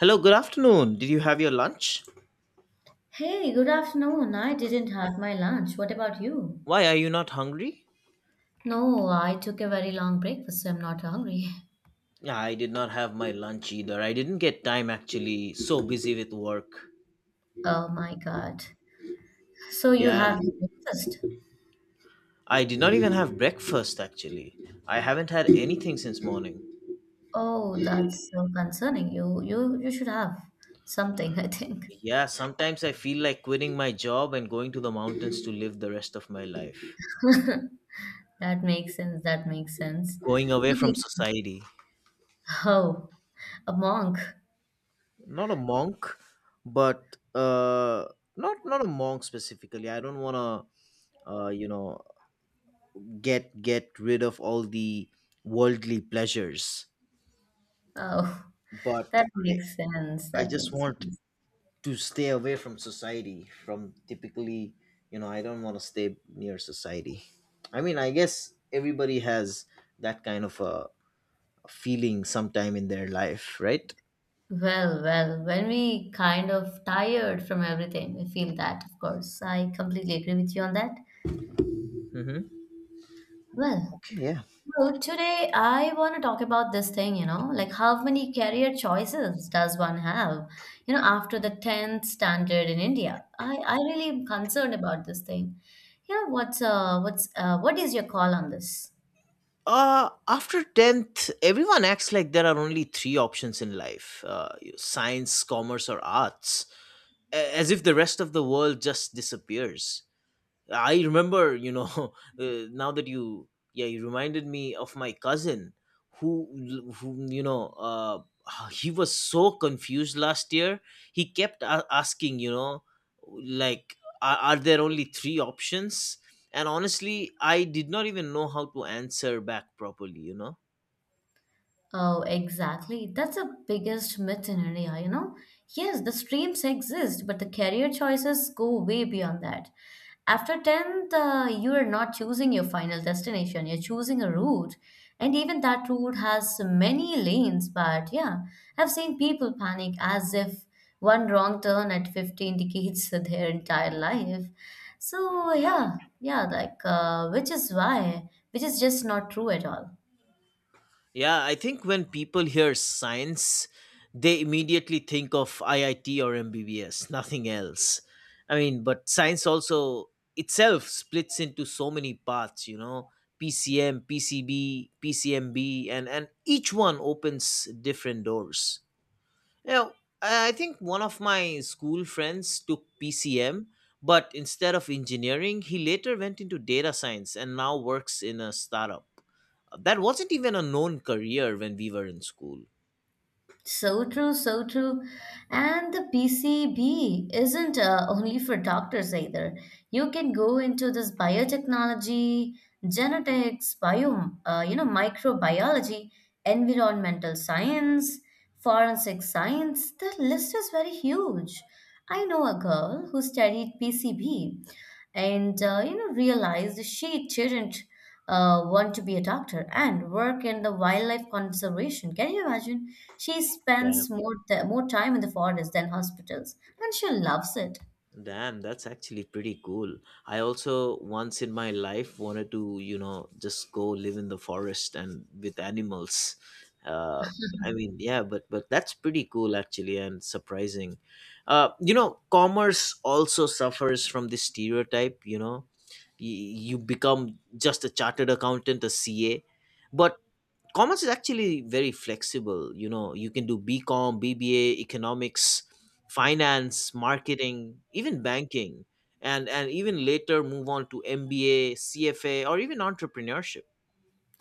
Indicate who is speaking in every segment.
Speaker 1: Hello, good afternoon. Did you have your lunch?
Speaker 2: Hey, good afternoon. I didn't have my lunch. What about you?
Speaker 1: Why are you not hungry?
Speaker 2: No, I took a very long breakfast, so I'm not hungry.
Speaker 1: Yeah, I did not have my lunch either. I didn't get time actually, so busy with work.
Speaker 2: Oh my God. So you
Speaker 1: Yeah,
Speaker 2: have your breakfast?
Speaker 1: I did not even have breakfast actually. I haven't had anything since morning.
Speaker 2: Oh, that's so concerning. You should have something, I think.
Speaker 1: Yeah, sometimes I feel like quitting my job and going to the mountains to live the rest of my life.
Speaker 2: That makes sense. That makes sense.
Speaker 1: Going away from
Speaker 2: Okay.
Speaker 1: society.
Speaker 2: Oh, a monk.
Speaker 1: Not a monk, but not a monk specifically. I don't want to uh you know get rid of all the worldly pleasures,
Speaker 2: Oh,
Speaker 1: but
Speaker 2: that
Speaker 1: i
Speaker 2: makes sense.
Speaker 1: i
Speaker 2: That
Speaker 1: just
Speaker 2: makes
Speaker 1: want
Speaker 2: sense.
Speaker 1: to stay away from society, from typically, I don't want to stay near society. I mean, I guess everybody has that kind of a feeling sometime in their life, right?
Speaker 2: Well, when we kind of tired from everything, we feel that, of course. I completely agree with you on that.
Speaker 1: Mm-hmm.
Speaker 2: Well,
Speaker 1: Okay, yeah.
Speaker 2: so today I want to talk about this thing, you know, like how many career choices does one have, you know, after the 10th standard in India? I really am concerned about this thing. You know, what is your call on this?
Speaker 1: After 10th, everyone acts like there are only three options in life, science, commerce, or arts, as if the rest of the world just disappears. I remember, uh, now that you, yeah, you reminded me of my cousin who, who you know, uh, he was so confused last year. He kept asking, like, are there only three options? And honestly, I did not even know how to answer back properly, you know?
Speaker 2: Oh, exactly. That's the biggest myth in India, you know? Yes, the streams exist, but the career choices go way beyond that. After 10th, you are not choosing your final destination, you're choosing a route. And even that route has many lanes, but yeah, I've seen people panic as if one wrong turn at 50 indicates their entire life. So yeah, like, which is just not true at all.
Speaker 1: Yeah, I think when people hear science, they immediately think of IIT or MBBS, nothing else. I mean, but science also itself splits into so many parts, PCM, PCB, PCMB, and each one opens different doors. Yeah, I think one of my school friends took PCM, but instead of engineering, he later went into data science and now works in a startup. That wasn't even a known career when we were in school.
Speaker 2: So true, so true. And the PCB isn't only for doctors either. You can go into this biotechnology, genetics, microbiology, environmental science, forensic science. The list is very huge. I know a girl who studied PCB and you know realized she didn't want to be a doctor and work in the wildlife conservation. Can you imagine? She
Speaker 1: Yeah.
Speaker 2: spends more time in the forest than hospitals, and she loves it.
Speaker 1: Damn, that's actually pretty cool. I also once in my life wanted to, just go live in the forest and with animals. Uh, I mean, yeah, but that's pretty cool actually and surprising. Commerce also suffers from this stereotype. You become just a chartered accountant, a CA, but commerce is actually very flexible, you can do bcom, bba, economics, finance, marketing, even banking, and even later move on to mba, cfa, or even entrepreneurship.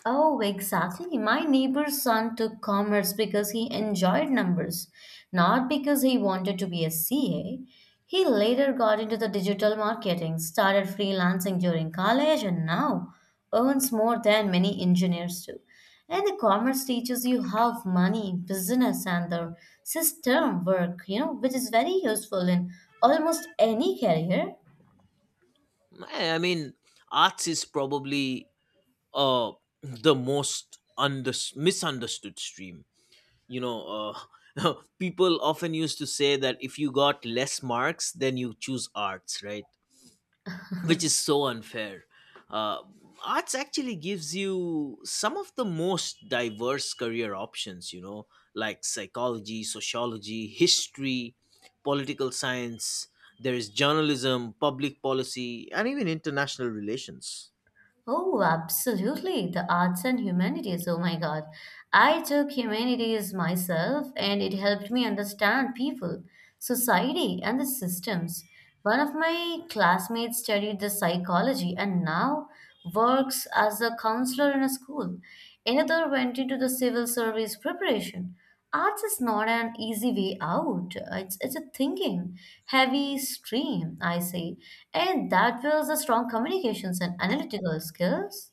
Speaker 2: Oh, exactly. My neighbor's son took commerce because he enjoyed numbers, not because he wanted to be a CA. He later got into the digital marketing, started freelancing during college, and now earns more than many engineers do. And the commerce teaches you how money, business, and the system work, you know, which is very useful in almost any career.
Speaker 1: I mean, arts is probably uh the most under misunderstood stream, you know uh people often used to say that if you got less marks, then you choose arts, right? Which is so unfair. Uh, Arts actually gives you some of the most diverse career options, like psychology, sociology, history, political science, there is journalism, public policy, and even international relations.
Speaker 2: Oh, absolutely. The arts and humanities. Oh my God. I took humanities myself and it helped me understand people, society, and the systems. One of my classmates studied the psychology and now works as a counselor in a school. Another went into the civil service preparation. Arts is not an easy way out. It's a thinking, heavy stream, I say. And that builds a strong communications and analytical skills.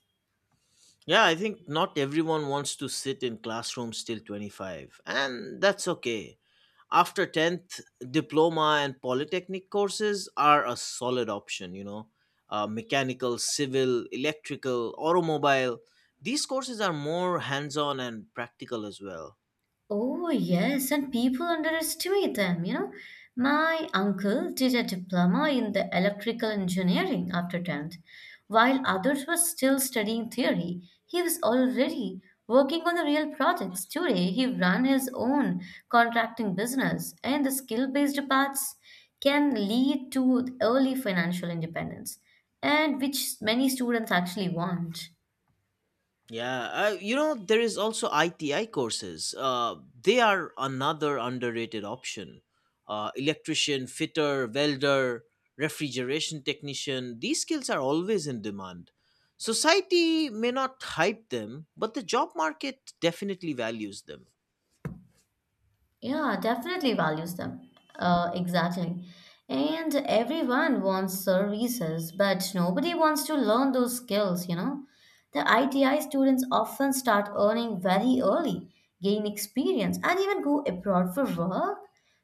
Speaker 1: Yeah, I think not everyone wants to sit in classrooms till 25, and that's okay. After 10th, diploma and polytechnic courses are a solid option, mechanical, civil, electrical, automobile, these courses are more hands-on and practical as well.
Speaker 2: Oh, yes, and people underestimate them, you know. My uncle did a diploma in the electrical engineering after 10th. While others were still studying theory, he was already working on the real projects. Today, he ran his own contracting business, and the skill-based paths can lead to early financial independence, and which many students actually want.
Speaker 1: Yeah, there is also ITI courses. They are another underrated option. Electrician, fitter, welder, refrigeration technician, these skills are always in demand. Society may not hype them, but the job market definitely values them.
Speaker 2: Yeah, definitely values them. Exactly. And everyone wants services, but nobody wants to learn those skills, you know. The ITI students often start earning very early, gain experience, and even go abroad for work.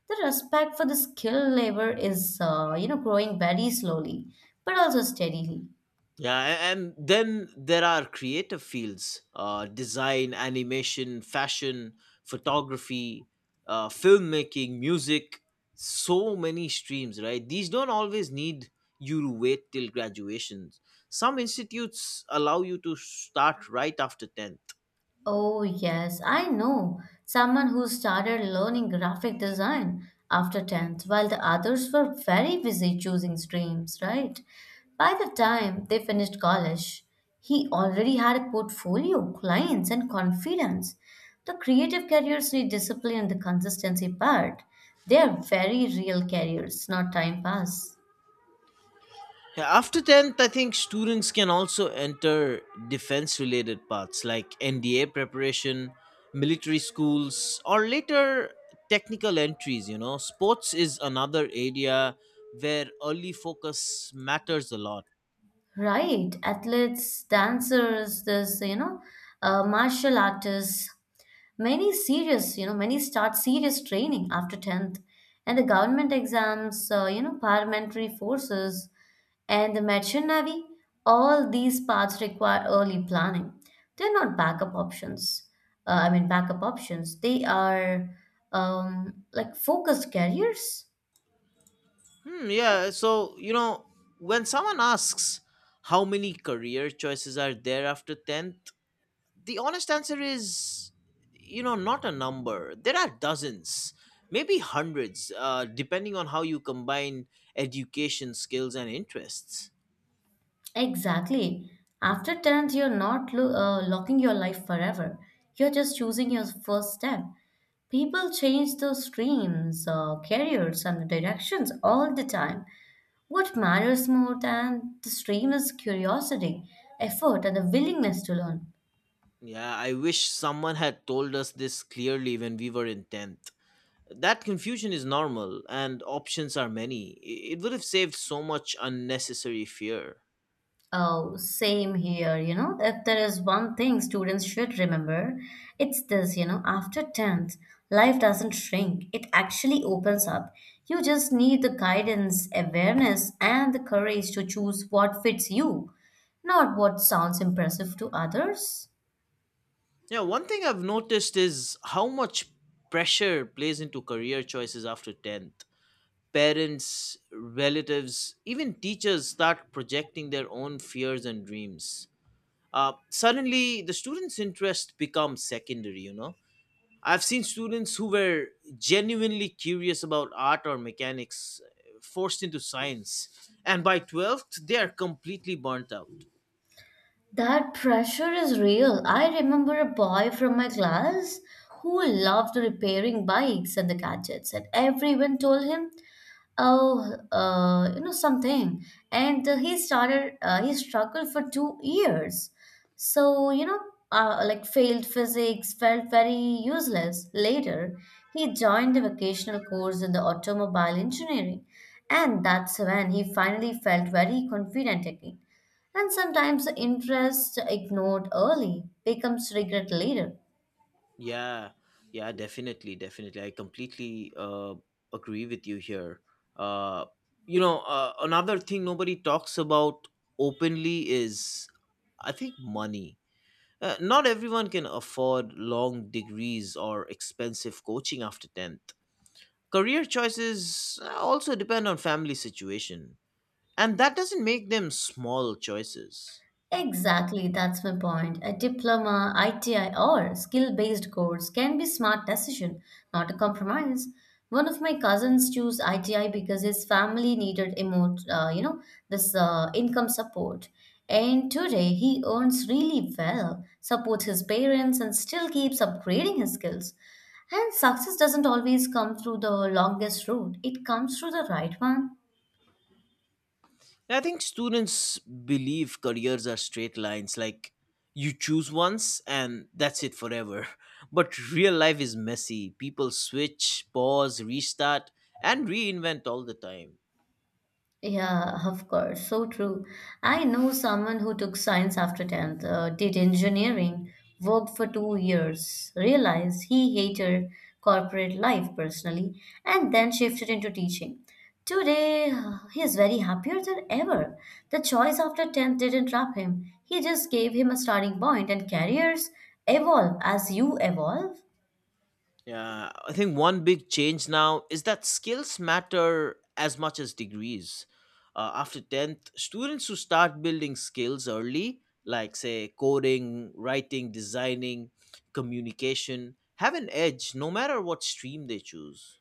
Speaker 2: The respect for the skilled labor is, growing very slowly, but also steadily.
Speaker 1: Yeah, and then there are creative fields, design, animation, fashion, photography, filmmaking, music, so many streams, right? These don't always need you to wait till graduations. Some institutes allow you to start right after 10.
Speaker 2: Oh, yes, I know someone who started learning graphic design after 10th, while the others were very busy choosing streams, right? By the time they finished college, he already had a portfolio, clients, and confidence. The creative careers need discipline and the consistency part. They are very real careers, not time pass.
Speaker 1: Yeah, after 10th, I think students can also enter defense related paths like NDA preparation, military schools, or later technical entries. Sports is another area where early focus matters a lot.
Speaker 2: Right, athletes, dancers, this, martial artists, many serious, you know, many start serious training after 10th, and the government exams, paramilitary forces, and the merchant navy, all these paths require early planning. They're not backup options. Backup options. They are like focused careers.
Speaker 1: Yeah, so, when someone asks how many career choices are there after 10th, the honest answer is, not a number. There are dozens, maybe hundreds, depending on how you combine education, skills, and interests.
Speaker 2: Exactly. After 10th, you're not lo- locking your life forever. You're just choosing your first step. People change those streams, careers, and directions all the time. What matters more than the stream is curiosity, effort, and the willingness to learn.
Speaker 1: Yeah, I wish someone had told us this clearly when we were in 10th. That confusion is normal and options are many. It would have saved so much unnecessary fear.
Speaker 2: Oh, same here, you know. If there is one thing students should remember, it's this, you know, after 10th, life doesn't shrink, it actually opens up. You just need the guidance, awareness, and the courage to choose what fits you, not what sounds impressive to others.
Speaker 1: Yeah, one thing I've noticed is how much pressure plays into career choices after 10th. Parents, relatives, even teachers start projecting their own fears and dreams. Suddenly, the student's interest becomes secondary. I've seen students who were genuinely curious about art or mechanics, forced into science, and by 12th, they are completely burnt out.
Speaker 2: That pressure is real. I remember a boy from my class who loved repairing bikes and the gadgets, and everyone told him oh, you know something. And he struggled for 2 years. So, like failed physics, felt very useless. Later, he joined a vocational course in the automobile engineering. And that's when he finally felt very confident again. And sometimes the interest ignored early becomes regret later.
Speaker 1: Yeah, yeah, definitely, definitely. I completely agree with you here. Uh, Another thing nobody talks about openly is, I think, money. Not everyone can afford long degrees or expensive coaching after 10th. Career choices, also depend on family situation, and that doesn't make them small choices.
Speaker 2: Exactly, that's my point. A diploma, ITI, or skill-based course can be smart decision, not a compromise. One of my cousins chose ITI because his family needed emo you know, this income support. And today he earns really well, supports his parents, and still keeps upgrading his skills. And success doesn't always come through the longest route; it comes through the right one.
Speaker 1: I think students believe careers are straight lines, like you choose once and that's it forever. But real life is messy. People switch, pause, restart, and reinvent all the time.
Speaker 2: Yeah, of course. So true. I know someone who took science after 10th, did engineering, worked for 2 years, realized he hated corporate life personally, and then shifted into teaching. Today, he is very happier than ever. The choice after 10th didn't trap him, he just gave him a starting point, and careers evolve as you evolve.
Speaker 1: Yeah, I think one big change now is that skills matter as much as degrees. After 10th, students who start building skills early, like say coding, writing, designing, communication, have an edge no matter what stream they choose.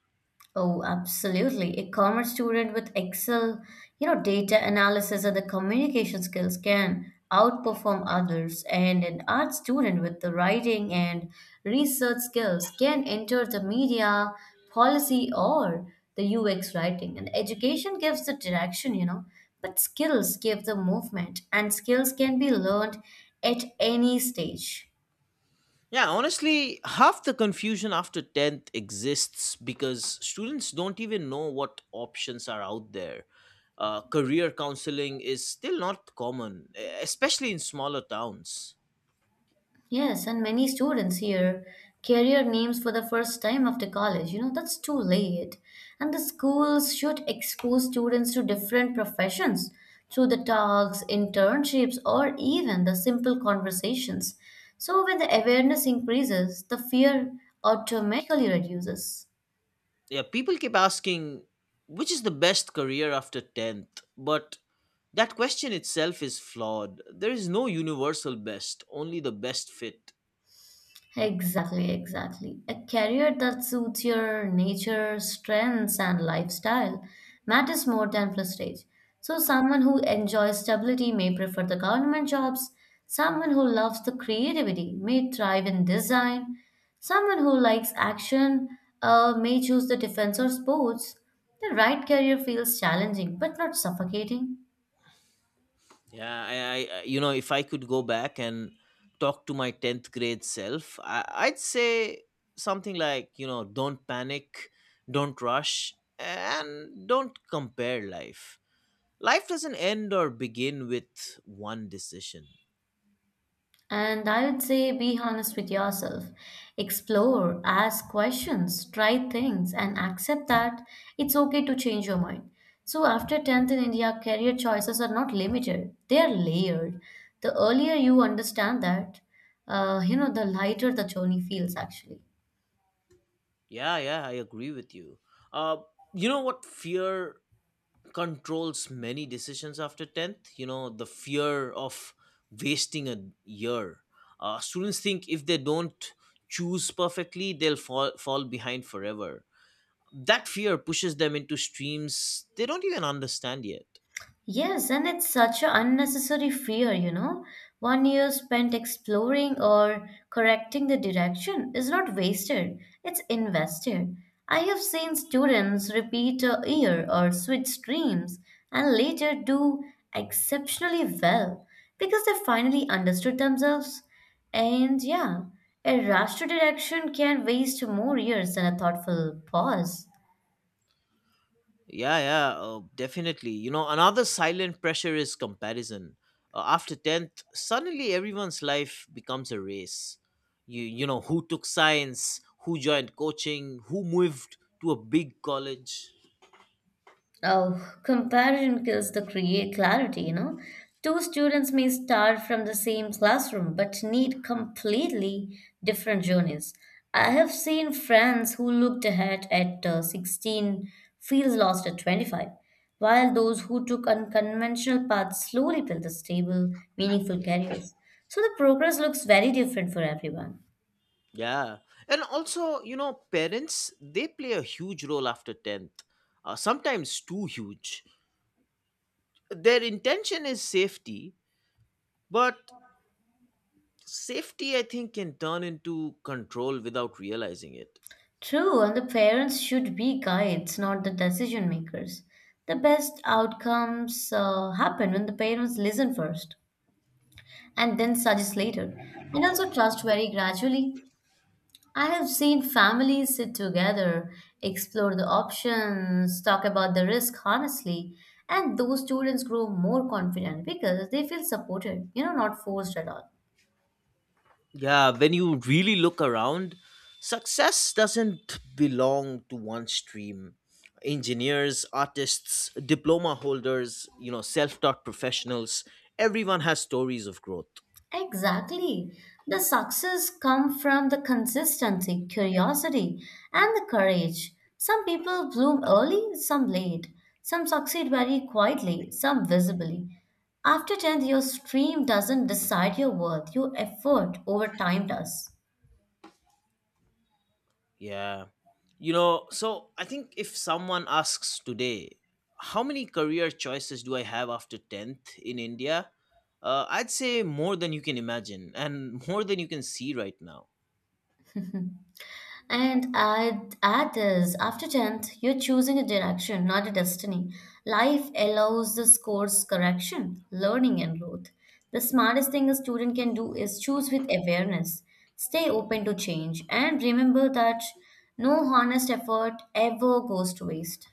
Speaker 2: Oh, absolutely. A commerce student with Excel, you know, data analysis and the communication skills can outperform others, and an art student with the writing and research skills can enter the media, policy, or the UX writing. And education gives the direction, you know, but skills give the movement, and skills can be learned at any stage.
Speaker 1: Yeah, honestly, half the confusion after 10th exists because students don't even know what options are out there. Career counseling is still not common, especially in smaller towns.
Speaker 2: Yes, and many students hear career names for the first time after college. You know, that's too late. And the schools should expose students to different professions through the talks, internships, or even the simple conversations. So when the awareness increases, the fear automatically reduces.
Speaker 1: Yeah, people keep asking which is the best career after 10th, but that question itself is flawed. There is no universal best, only the best fit.
Speaker 2: Exactly, exactly. A career that suits your nature, strengths, and lifestyle matters more than prestige. So, someone who enjoys stability may prefer the government jobs. Someone who loves the creativity may thrive in design. Someone who likes action may choose the defense or sports. The right career feels challenging but not suffocating.
Speaker 1: Yeah, if I could go back and talk to my 10th grade self, I'd say something like, don't panic, don't rush, and don't compare life. Life doesn't end or begin with one decision.
Speaker 2: And I would say be honest with yourself. Explore, ask questions, try things, and accept that it's okay to change your mind. So, after 10th in India, career choices are not limited, they are layered. The earlier you understand that, the lighter the journey feels actually.
Speaker 1: Yeah, yeah, I agree with you. Uh, you know what? Fear controls many decisions after 10th. The fear of wasting a year. Students think if they don't choose perfectly, they'll fall behind forever. That fear pushes them into streams they don't even understand yet.
Speaker 2: Yes, and it's such an unnecessary fear, you know. 1 year spent exploring or correcting the direction is not wasted, it's invested. I have seen students repeat a year or switch streams and later do exceptionally well because they finally understood themselves. And yeah, a rush to direction can waste more years than a thoughtful pause.
Speaker 1: Yeah, yeah, definitely. Another silent pressure is comparison. After 10th, suddenly everyone's life becomes a race. Who took science, who joined coaching, who moved to a big college.
Speaker 2: Oh, comparison kills the create clarity, you know. Two students may start from the same classroom but need completely different journeys. I have seen friends who looked ahead at 16 feel lost at 25, while those who took unconventional paths slowly build the stable, meaningful careers. So the progress looks very different for everyone.
Speaker 1: Yeah. And also, parents, they play a huge role after 10th, sometimes too huge. Their intention is safety, but safety, I think, can turn into control without realizing it.
Speaker 2: True, and the parents should be guides, not the decision makers. The best outcomes happen when the parents listen first and then suggest later, and also trust very gradually. I have seen families sit together, explore the options, talk about the risk honestly, and those students grow more confident because they feel supported, you know, not forced at all.
Speaker 1: Yeah, when you really look around, success doesn't belong to one stream. Engineers, artists, diploma holders, self taught professionals, everyone has stories of growth.
Speaker 2: Exactly. The success come from the consistency, curiosity, and the courage. Some people bloom early, some late. Some succeed very quietly, some visibly. After 10th, your stream doesn't decide your worth, your effort over time does.
Speaker 1: Yeah. So I think if someone asks today, how many career choices do I have after 10th in India? I'd say more than you can imagine and more than you can see right now.
Speaker 2: And add is after 10th, you're choosing a direction, not a destiny. Life allows this course correction, learning, and growth. The smartest thing a student can do is choose with awareness, stay open to change, and remember that no honest effort ever goes to waste.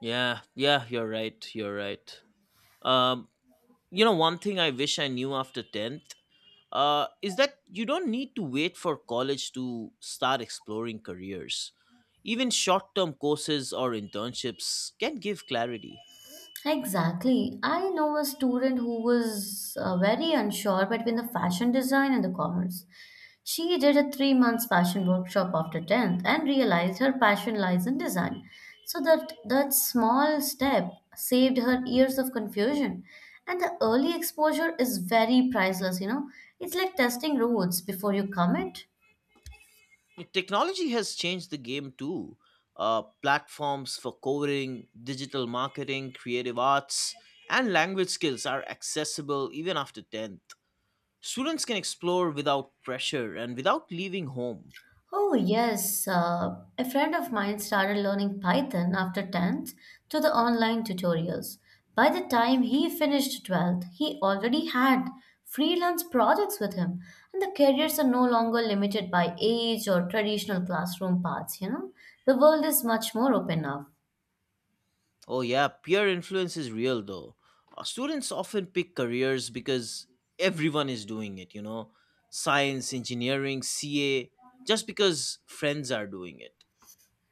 Speaker 1: Yeah, yeah, you're right. You're right. Um, you know, one thing I wish I knew after 10th, is that you don't need to wait for college to start exploring careers. Even short-term courses or internships can give clarity.
Speaker 2: Exactly. I know a student who was very unsure between the fashion design and the commerce. She did a 3 months fashion workshop after 10th and realized her passion lies in design. So that small step saved her years of confusion. And the early exposure is very priceless, you know. It's like testing roads before you comment.
Speaker 1: Technology has changed the game too. Platforms for coding, digital marketing, creative arts, and language skills are accessible even after 10th. Students can explore without pressure and without leaving home.
Speaker 2: Oh, yes. A friend of mine started learning Python after 10th to the online tutorials. By the time he finished 12th, he already had freelance projects with him, and the careers are no longer limited by age or traditional classroom paths, you know. The world is much more open now.
Speaker 1: Oh, yeah, peer influence is real though. Students often pick careers because everyone is doing it, science, engineering, CA, just because friends are doing it.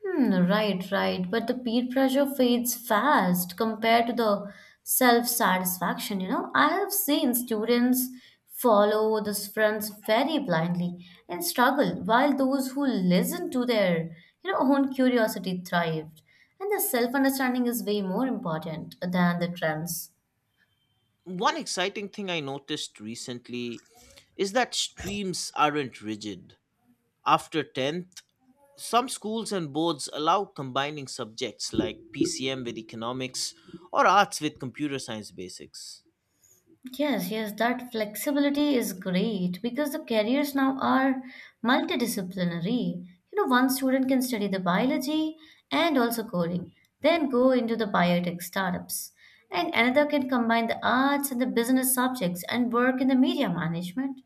Speaker 2: Hmm, right, right. But the peer pressure fades fast compared to the self-satisfaction, you know. I have seen students follow the friends very blindly and struggle, while those who listen to their, you know, own curiosity thrived. And the self-understanding is way more important than the trends.
Speaker 1: One exciting thing I noticed recently is that streams aren't rigid. After 10th, some schools and boards allow combining subjects like PCM with economics or arts with computer science basics.
Speaker 2: Yes, yes, that flexibility is great because the careers now are multidisciplinary. You know, one student can study the biology and also coding, then go into the biotech startups. And another can combine the arts and the business subjects and work in the media management.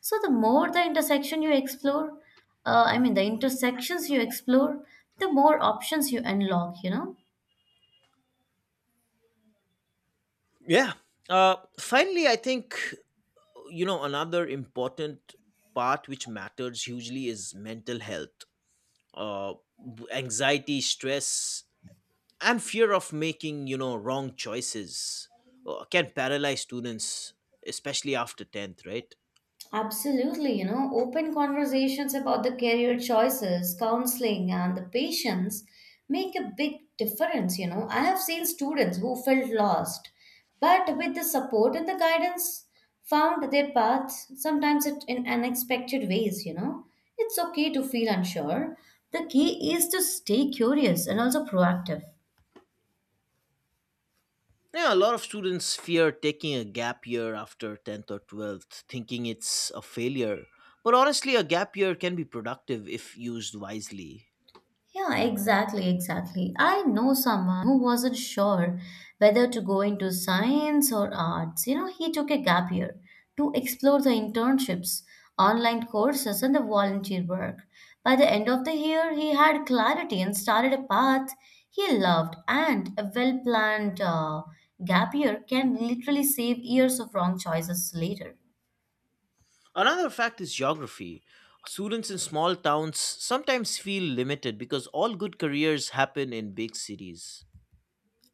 Speaker 2: So the more the intersection you explore, the intersections you explore, the more options you unlock, you know.
Speaker 1: Yeah. Finally, I think, another important part which matters hugely is mental health, uh anxiety, stress, and fear of making, wrong choices, can paralyze students, especially after 10th, right?
Speaker 2: Absolutely, you know, open conversations about the career choices, counseling, and the patients make a big difference. You know, I have seen students who felt lost, but with the support and the guidance, found their path, sometimes it in unexpected ways. You know, it's okay to feel unsure. The key is to stay curious and also proactive.
Speaker 1: Yeah, a lot of students fear taking a gap year after 10th or 12th thinking it's a failure, but honestly a gap year can be productive if used wisely.
Speaker 2: Yeah, exactly. I know someone who wasn't sure whether to go into science or arts. You know, he took a gap year to explore the internships, online courses, and the volunteer work. By the end of the year, he had clarity and started a path he loved. And a well planned gap year can literally save years of wrong choices later.
Speaker 1: Another fact is geography. Students in small towns sometimes feel limited because all good careers happen in big cities.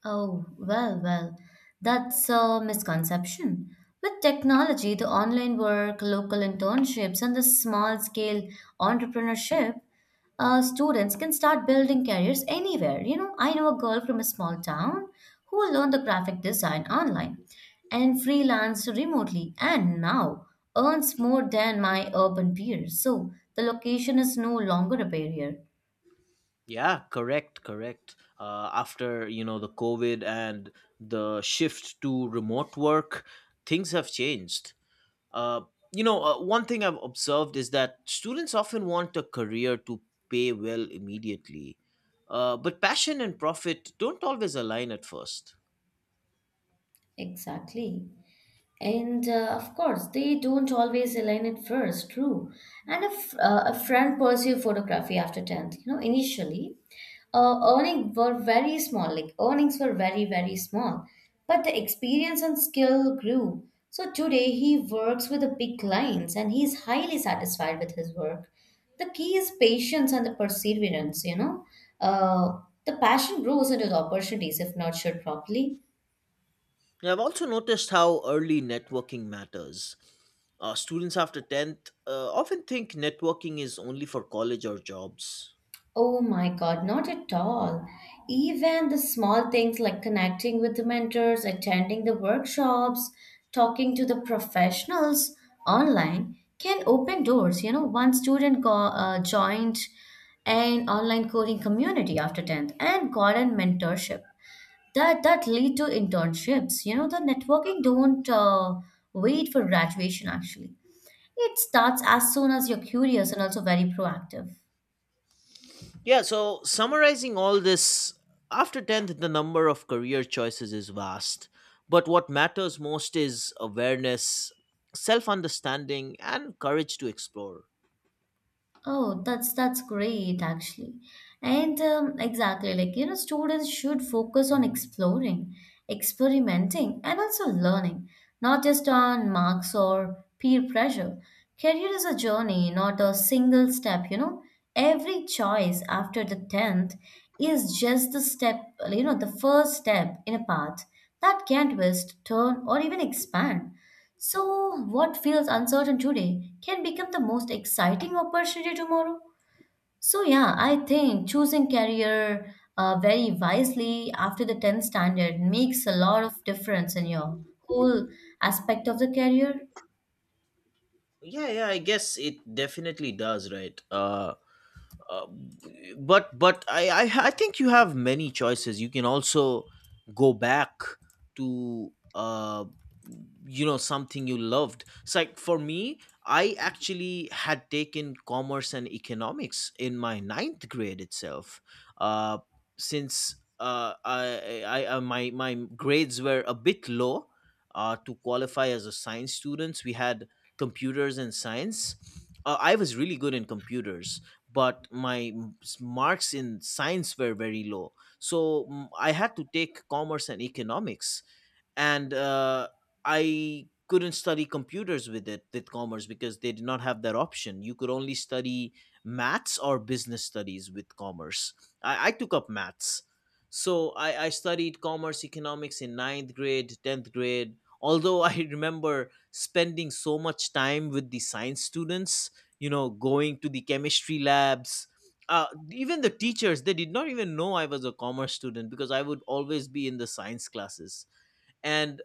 Speaker 2: Oh, well, that's a misconception. With technology, the online work, local internships, and the small scale entrepreneurship, students can start building careers anywhere. You know, I know a girl from a small town who learned the graphic design online and freelanced remotely and now earns more than my urban peers. So the location is no longer a barrier.
Speaker 1: Yeah, correct, correct. After, you know, the COVID and the shift to remote work, things have changed. Uh, One thing I've observed is that students often want a career to pay well immediately, but passion and profit don't always align at first.
Speaker 2: Exactly. And of course, they don't always align at first, true. And if a friend pursued photography after 10th, you know, initially, earnings were very small, like earnings were very, very small. But the experience and skill grew. So today he works with the big clients and he is highly satisfied with his work. The key is patience and the perseverance, you know. Uh, the passion grows into the opportunities if nurtured properly.
Speaker 1: I've also noticed how early networking matters. Students after 10th, often think networking is only for college or jobs.
Speaker 2: Oh my God, not at all. Even the small things like connecting with the mentors, attending the workshops, talking to the professionals online can open doors. You know, joined an online coding community after 10th and got a mentorship. That lead to internships. You know, the networking don't wait for graduation actually. It starts as soon as you're curious and also very proactive.
Speaker 1: Yeah, so summarizing all this, after 10th, the number of career choices is vast. But what matters most is awareness, self understanding, and courage to explore.
Speaker 2: Oh, that's great actually. And exactly like you know students should focus on exploring, experimenting and also learning, not just on marks or peer pressure. Career is a journey, not a single step, you know. Every choice after the 10th is just the step, you know, the first step in a path that can twist, turn or even expand. So, what feels uncertain today can become the most exciting opportunity tomorrow. So, yeah, I think choosing career very wisely after the 10th standard makes a lot of difference in your whole aspect of the career.
Speaker 1: Yeah, yeah, I guess it definitely does, right? Uh, but I think you have many choices. You can also go back to something you loved. It's like for me, I actually had taken commerce and economics in my ninth grade itself. Uh, since I my My grades were a bit low. To qualify as a science students, we had computers and science. I was really good in computers, but my marks in science were very low, so I had to take commerce and economics, and I couldn't study computers with commerce because they did not have that option. You could only study maths or business studies with commerce. I took up maths, so I studied commerce economics in ninth grade, 10th grade. Although I remember spending so much time with the science students, going to the chemistry labs. Uh, Even the teachers, they did not even know I was a commerce student because I would always be in the science classes, and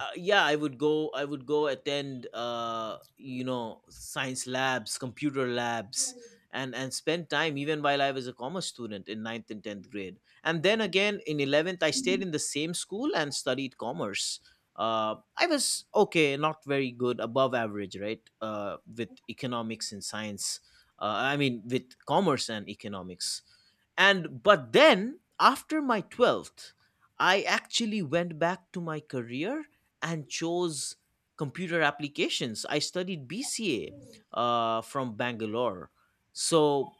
Speaker 1: yeah, I would go attend science labs, computer labs, and spend time even while I was a commerce student in ninth and 10th grade. And then again in 11th, I stayed in the same school and studied commerce. I was okay, not very good, above average, right? With economics and science, I mean, with commerce and economics. And But then after my 12th, I actually went back to my career and chose computer applications. I studied BCA, from Bangalore. So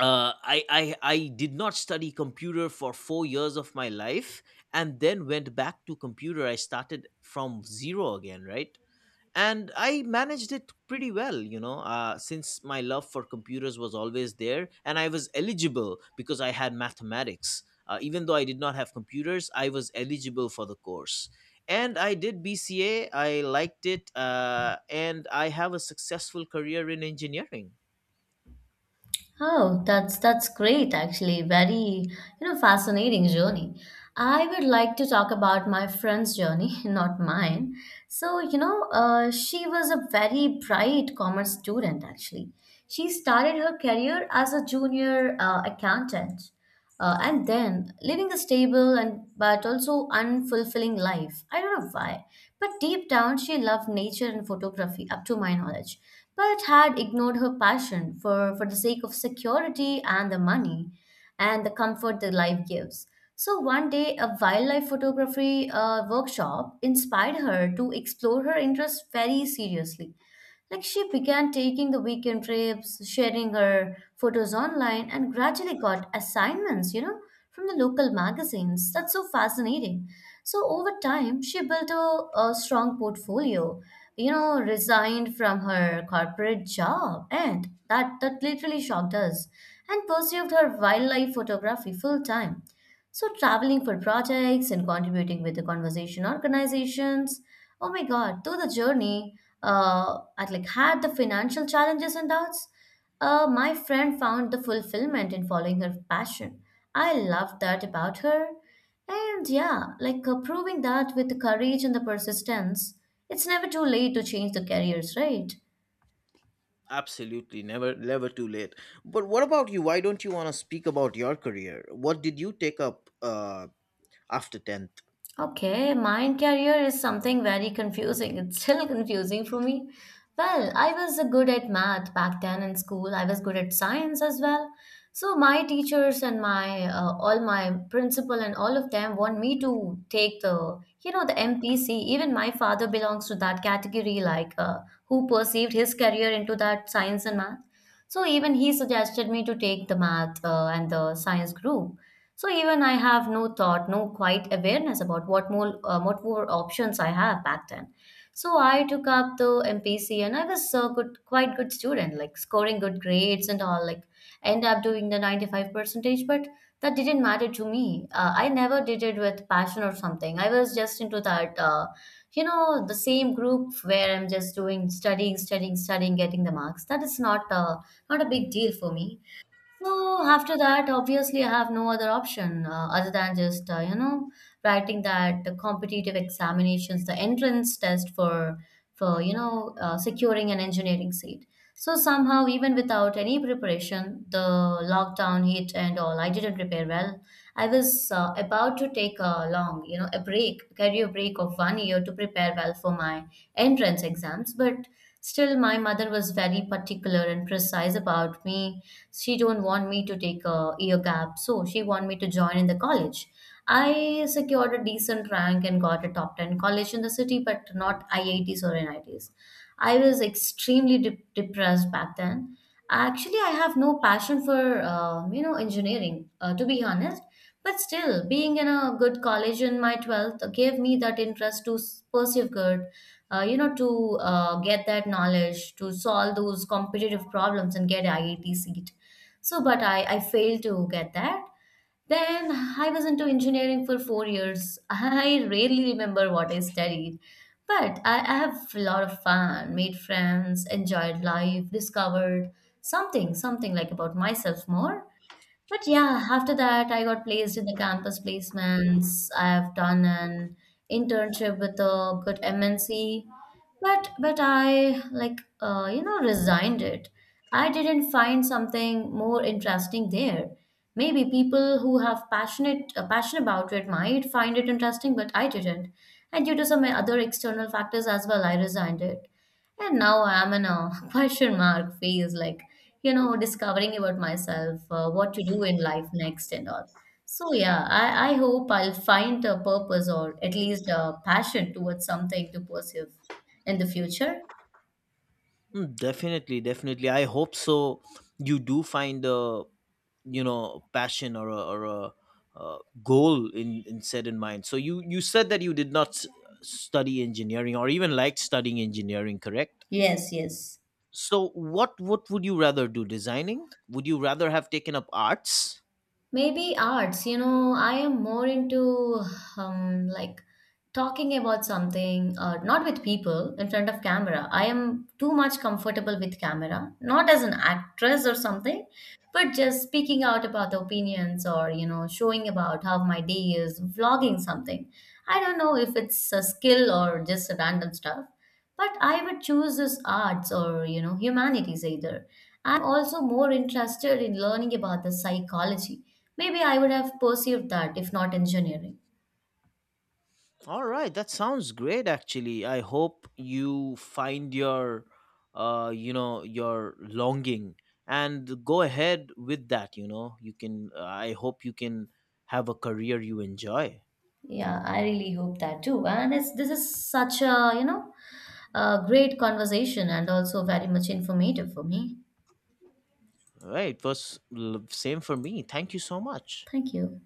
Speaker 1: I did not study computer for 4 years of my life and then went back to computer. I started from zero again, right? And I managed it pretty well, since my love for computers was always there, and I was eligible because I had mathematics. Even though I did not have computers, I was eligible for the course. And I did BCA. I liked it, and I have a successful career in engineering.
Speaker 2: Oh, that's great actually. Very, you know, fascinating journey. I would like to talk about my friend's journey, not mine. So, you know, she was a very bright commerce student actually. She started her career as a junior accountant, and then living a stable and but also unfulfilling life. I don't know why, but deep down she loved nature and photography, up to my knowledge, but had ignored her passion for the sake of security and the money, and the comfort the life gives. So one day, a wildlife photography workshop inspired her to explore her interests very seriously. Like she began taking the weekend trips, sharing her photos online, and gradually got assignments, you know, from the local magazines. That's so fascinating. So over time, she built a strong portfolio, you know, resigned from her corporate job, and that literally shocked us, and pursued her wildlife photography full time. So traveling for projects and contributing with the conversation organizations. Oh my God, through the journey, I like had the financial challenges and doubts. My friend found the fulfillment in following her passion. I loved that about her. And yeah, like proving that with the courage and the persistence, it's never too late to change the careers, right?
Speaker 1: Absolutely, never, never too late. But what about you? Why don't you want to speak about your career? What did you take up, after 10th?
Speaker 2: Okay, mind career is something very confusing. It's still confusing for me. Well, I was good at math back then in school. I was good at science as well. So my teachers and my all my principal and all of them want me to take the you know the MPC. Even my father belongs to that category, who perceived his career into that science and math. So even he suggested me to take the math and the science group. So even I have no thought, no quiet awareness about what more options I have back then. So I took up the MPC and I was a good, quite good student, like scoring good grades and all. Like end up doing the 95 percentage, but that didn't matter to me. I never did it with passion or something. I was just into that, you know, the same group where I'm just doing studying, studying, studying, getting the marks. That is not a big deal for me. So after that, obviously, I have no other option other than just you know writing that competitive examinations, the entrance test for you know securing an engineering seat. So somehow, even without any preparation, the lockdown hit and all. I didn't prepare well. I was about to take a long, you know, a break, career break of 1 year to prepare well for my entrance exams, but still, my mother was very particular and precise about me, she don't want me to take a year gap, so she want me to join in the college. I secured a decent rank and got a top 10 college in the city, but not IITs or NITs, ITs. I was extremely depressed back then. Actually I have no passion for you know engineering to be honest. But still, being in a good college in my 12th gave me that interest to pursue good, you know, to get that knowledge, to solve those competitive problems and get IIT seat. So, but I failed to get that. Then I was into engineering for 4 years. I rarely remember what I studied. But I have a lot of fun, made friends, enjoyed life, discovered something like about myself more. But yeah, after that, I got placed in the campus placements. I have done an internship with a good MNC, but I like you know resigned it. I didn't find something more interesting there. Maybe people who have passion about it might find it interesting, but I didn't. And due to some other external factors as well, I resigned it. And now I'm in a question mark phase, like, you know, discovering about myself, what to do in life next and all. So yeah, I hope I'll find a purpose or at least a passion towards something to pursue in the future.
Speaker 1: Mm. Definitely, definitely. I hope so. You do find a, passion, or a goal, in set in mind. So you said that you did not study engineering or even liked studying engineering, correct?
Speaker 2: Yes, yes.
Speaker 1: So what would you rather do? Designing? Would you rather have taken up arts?
Speaker 2: Maybe arts, you know, I am more into um, like talking about something, not with people in front of camera. I am too much comfortable with camera, not as an actress or something, but just speaking out about the opinions or, you know, showing about how my day is, vlogging something. I don't know if it's a skill or just a random stuff. But I would choose this arts or, you know, humanities either. I'm also more interested in learning about the psychology. Maybe I would have pursued that if not engineering.
Speaker 1: All right, that sounds great actually. I hope you find your you know your longing and go ahead with that, you know. You can I hope you can have a career you enjoy.
Speaker 2: Yeah, I really hope that too. And it's, this is such a, you know, a great conversation and also very much informative for me.
Speaker 1: All right, it was same for me. Thank you so much.
Speaker 2: Thank you.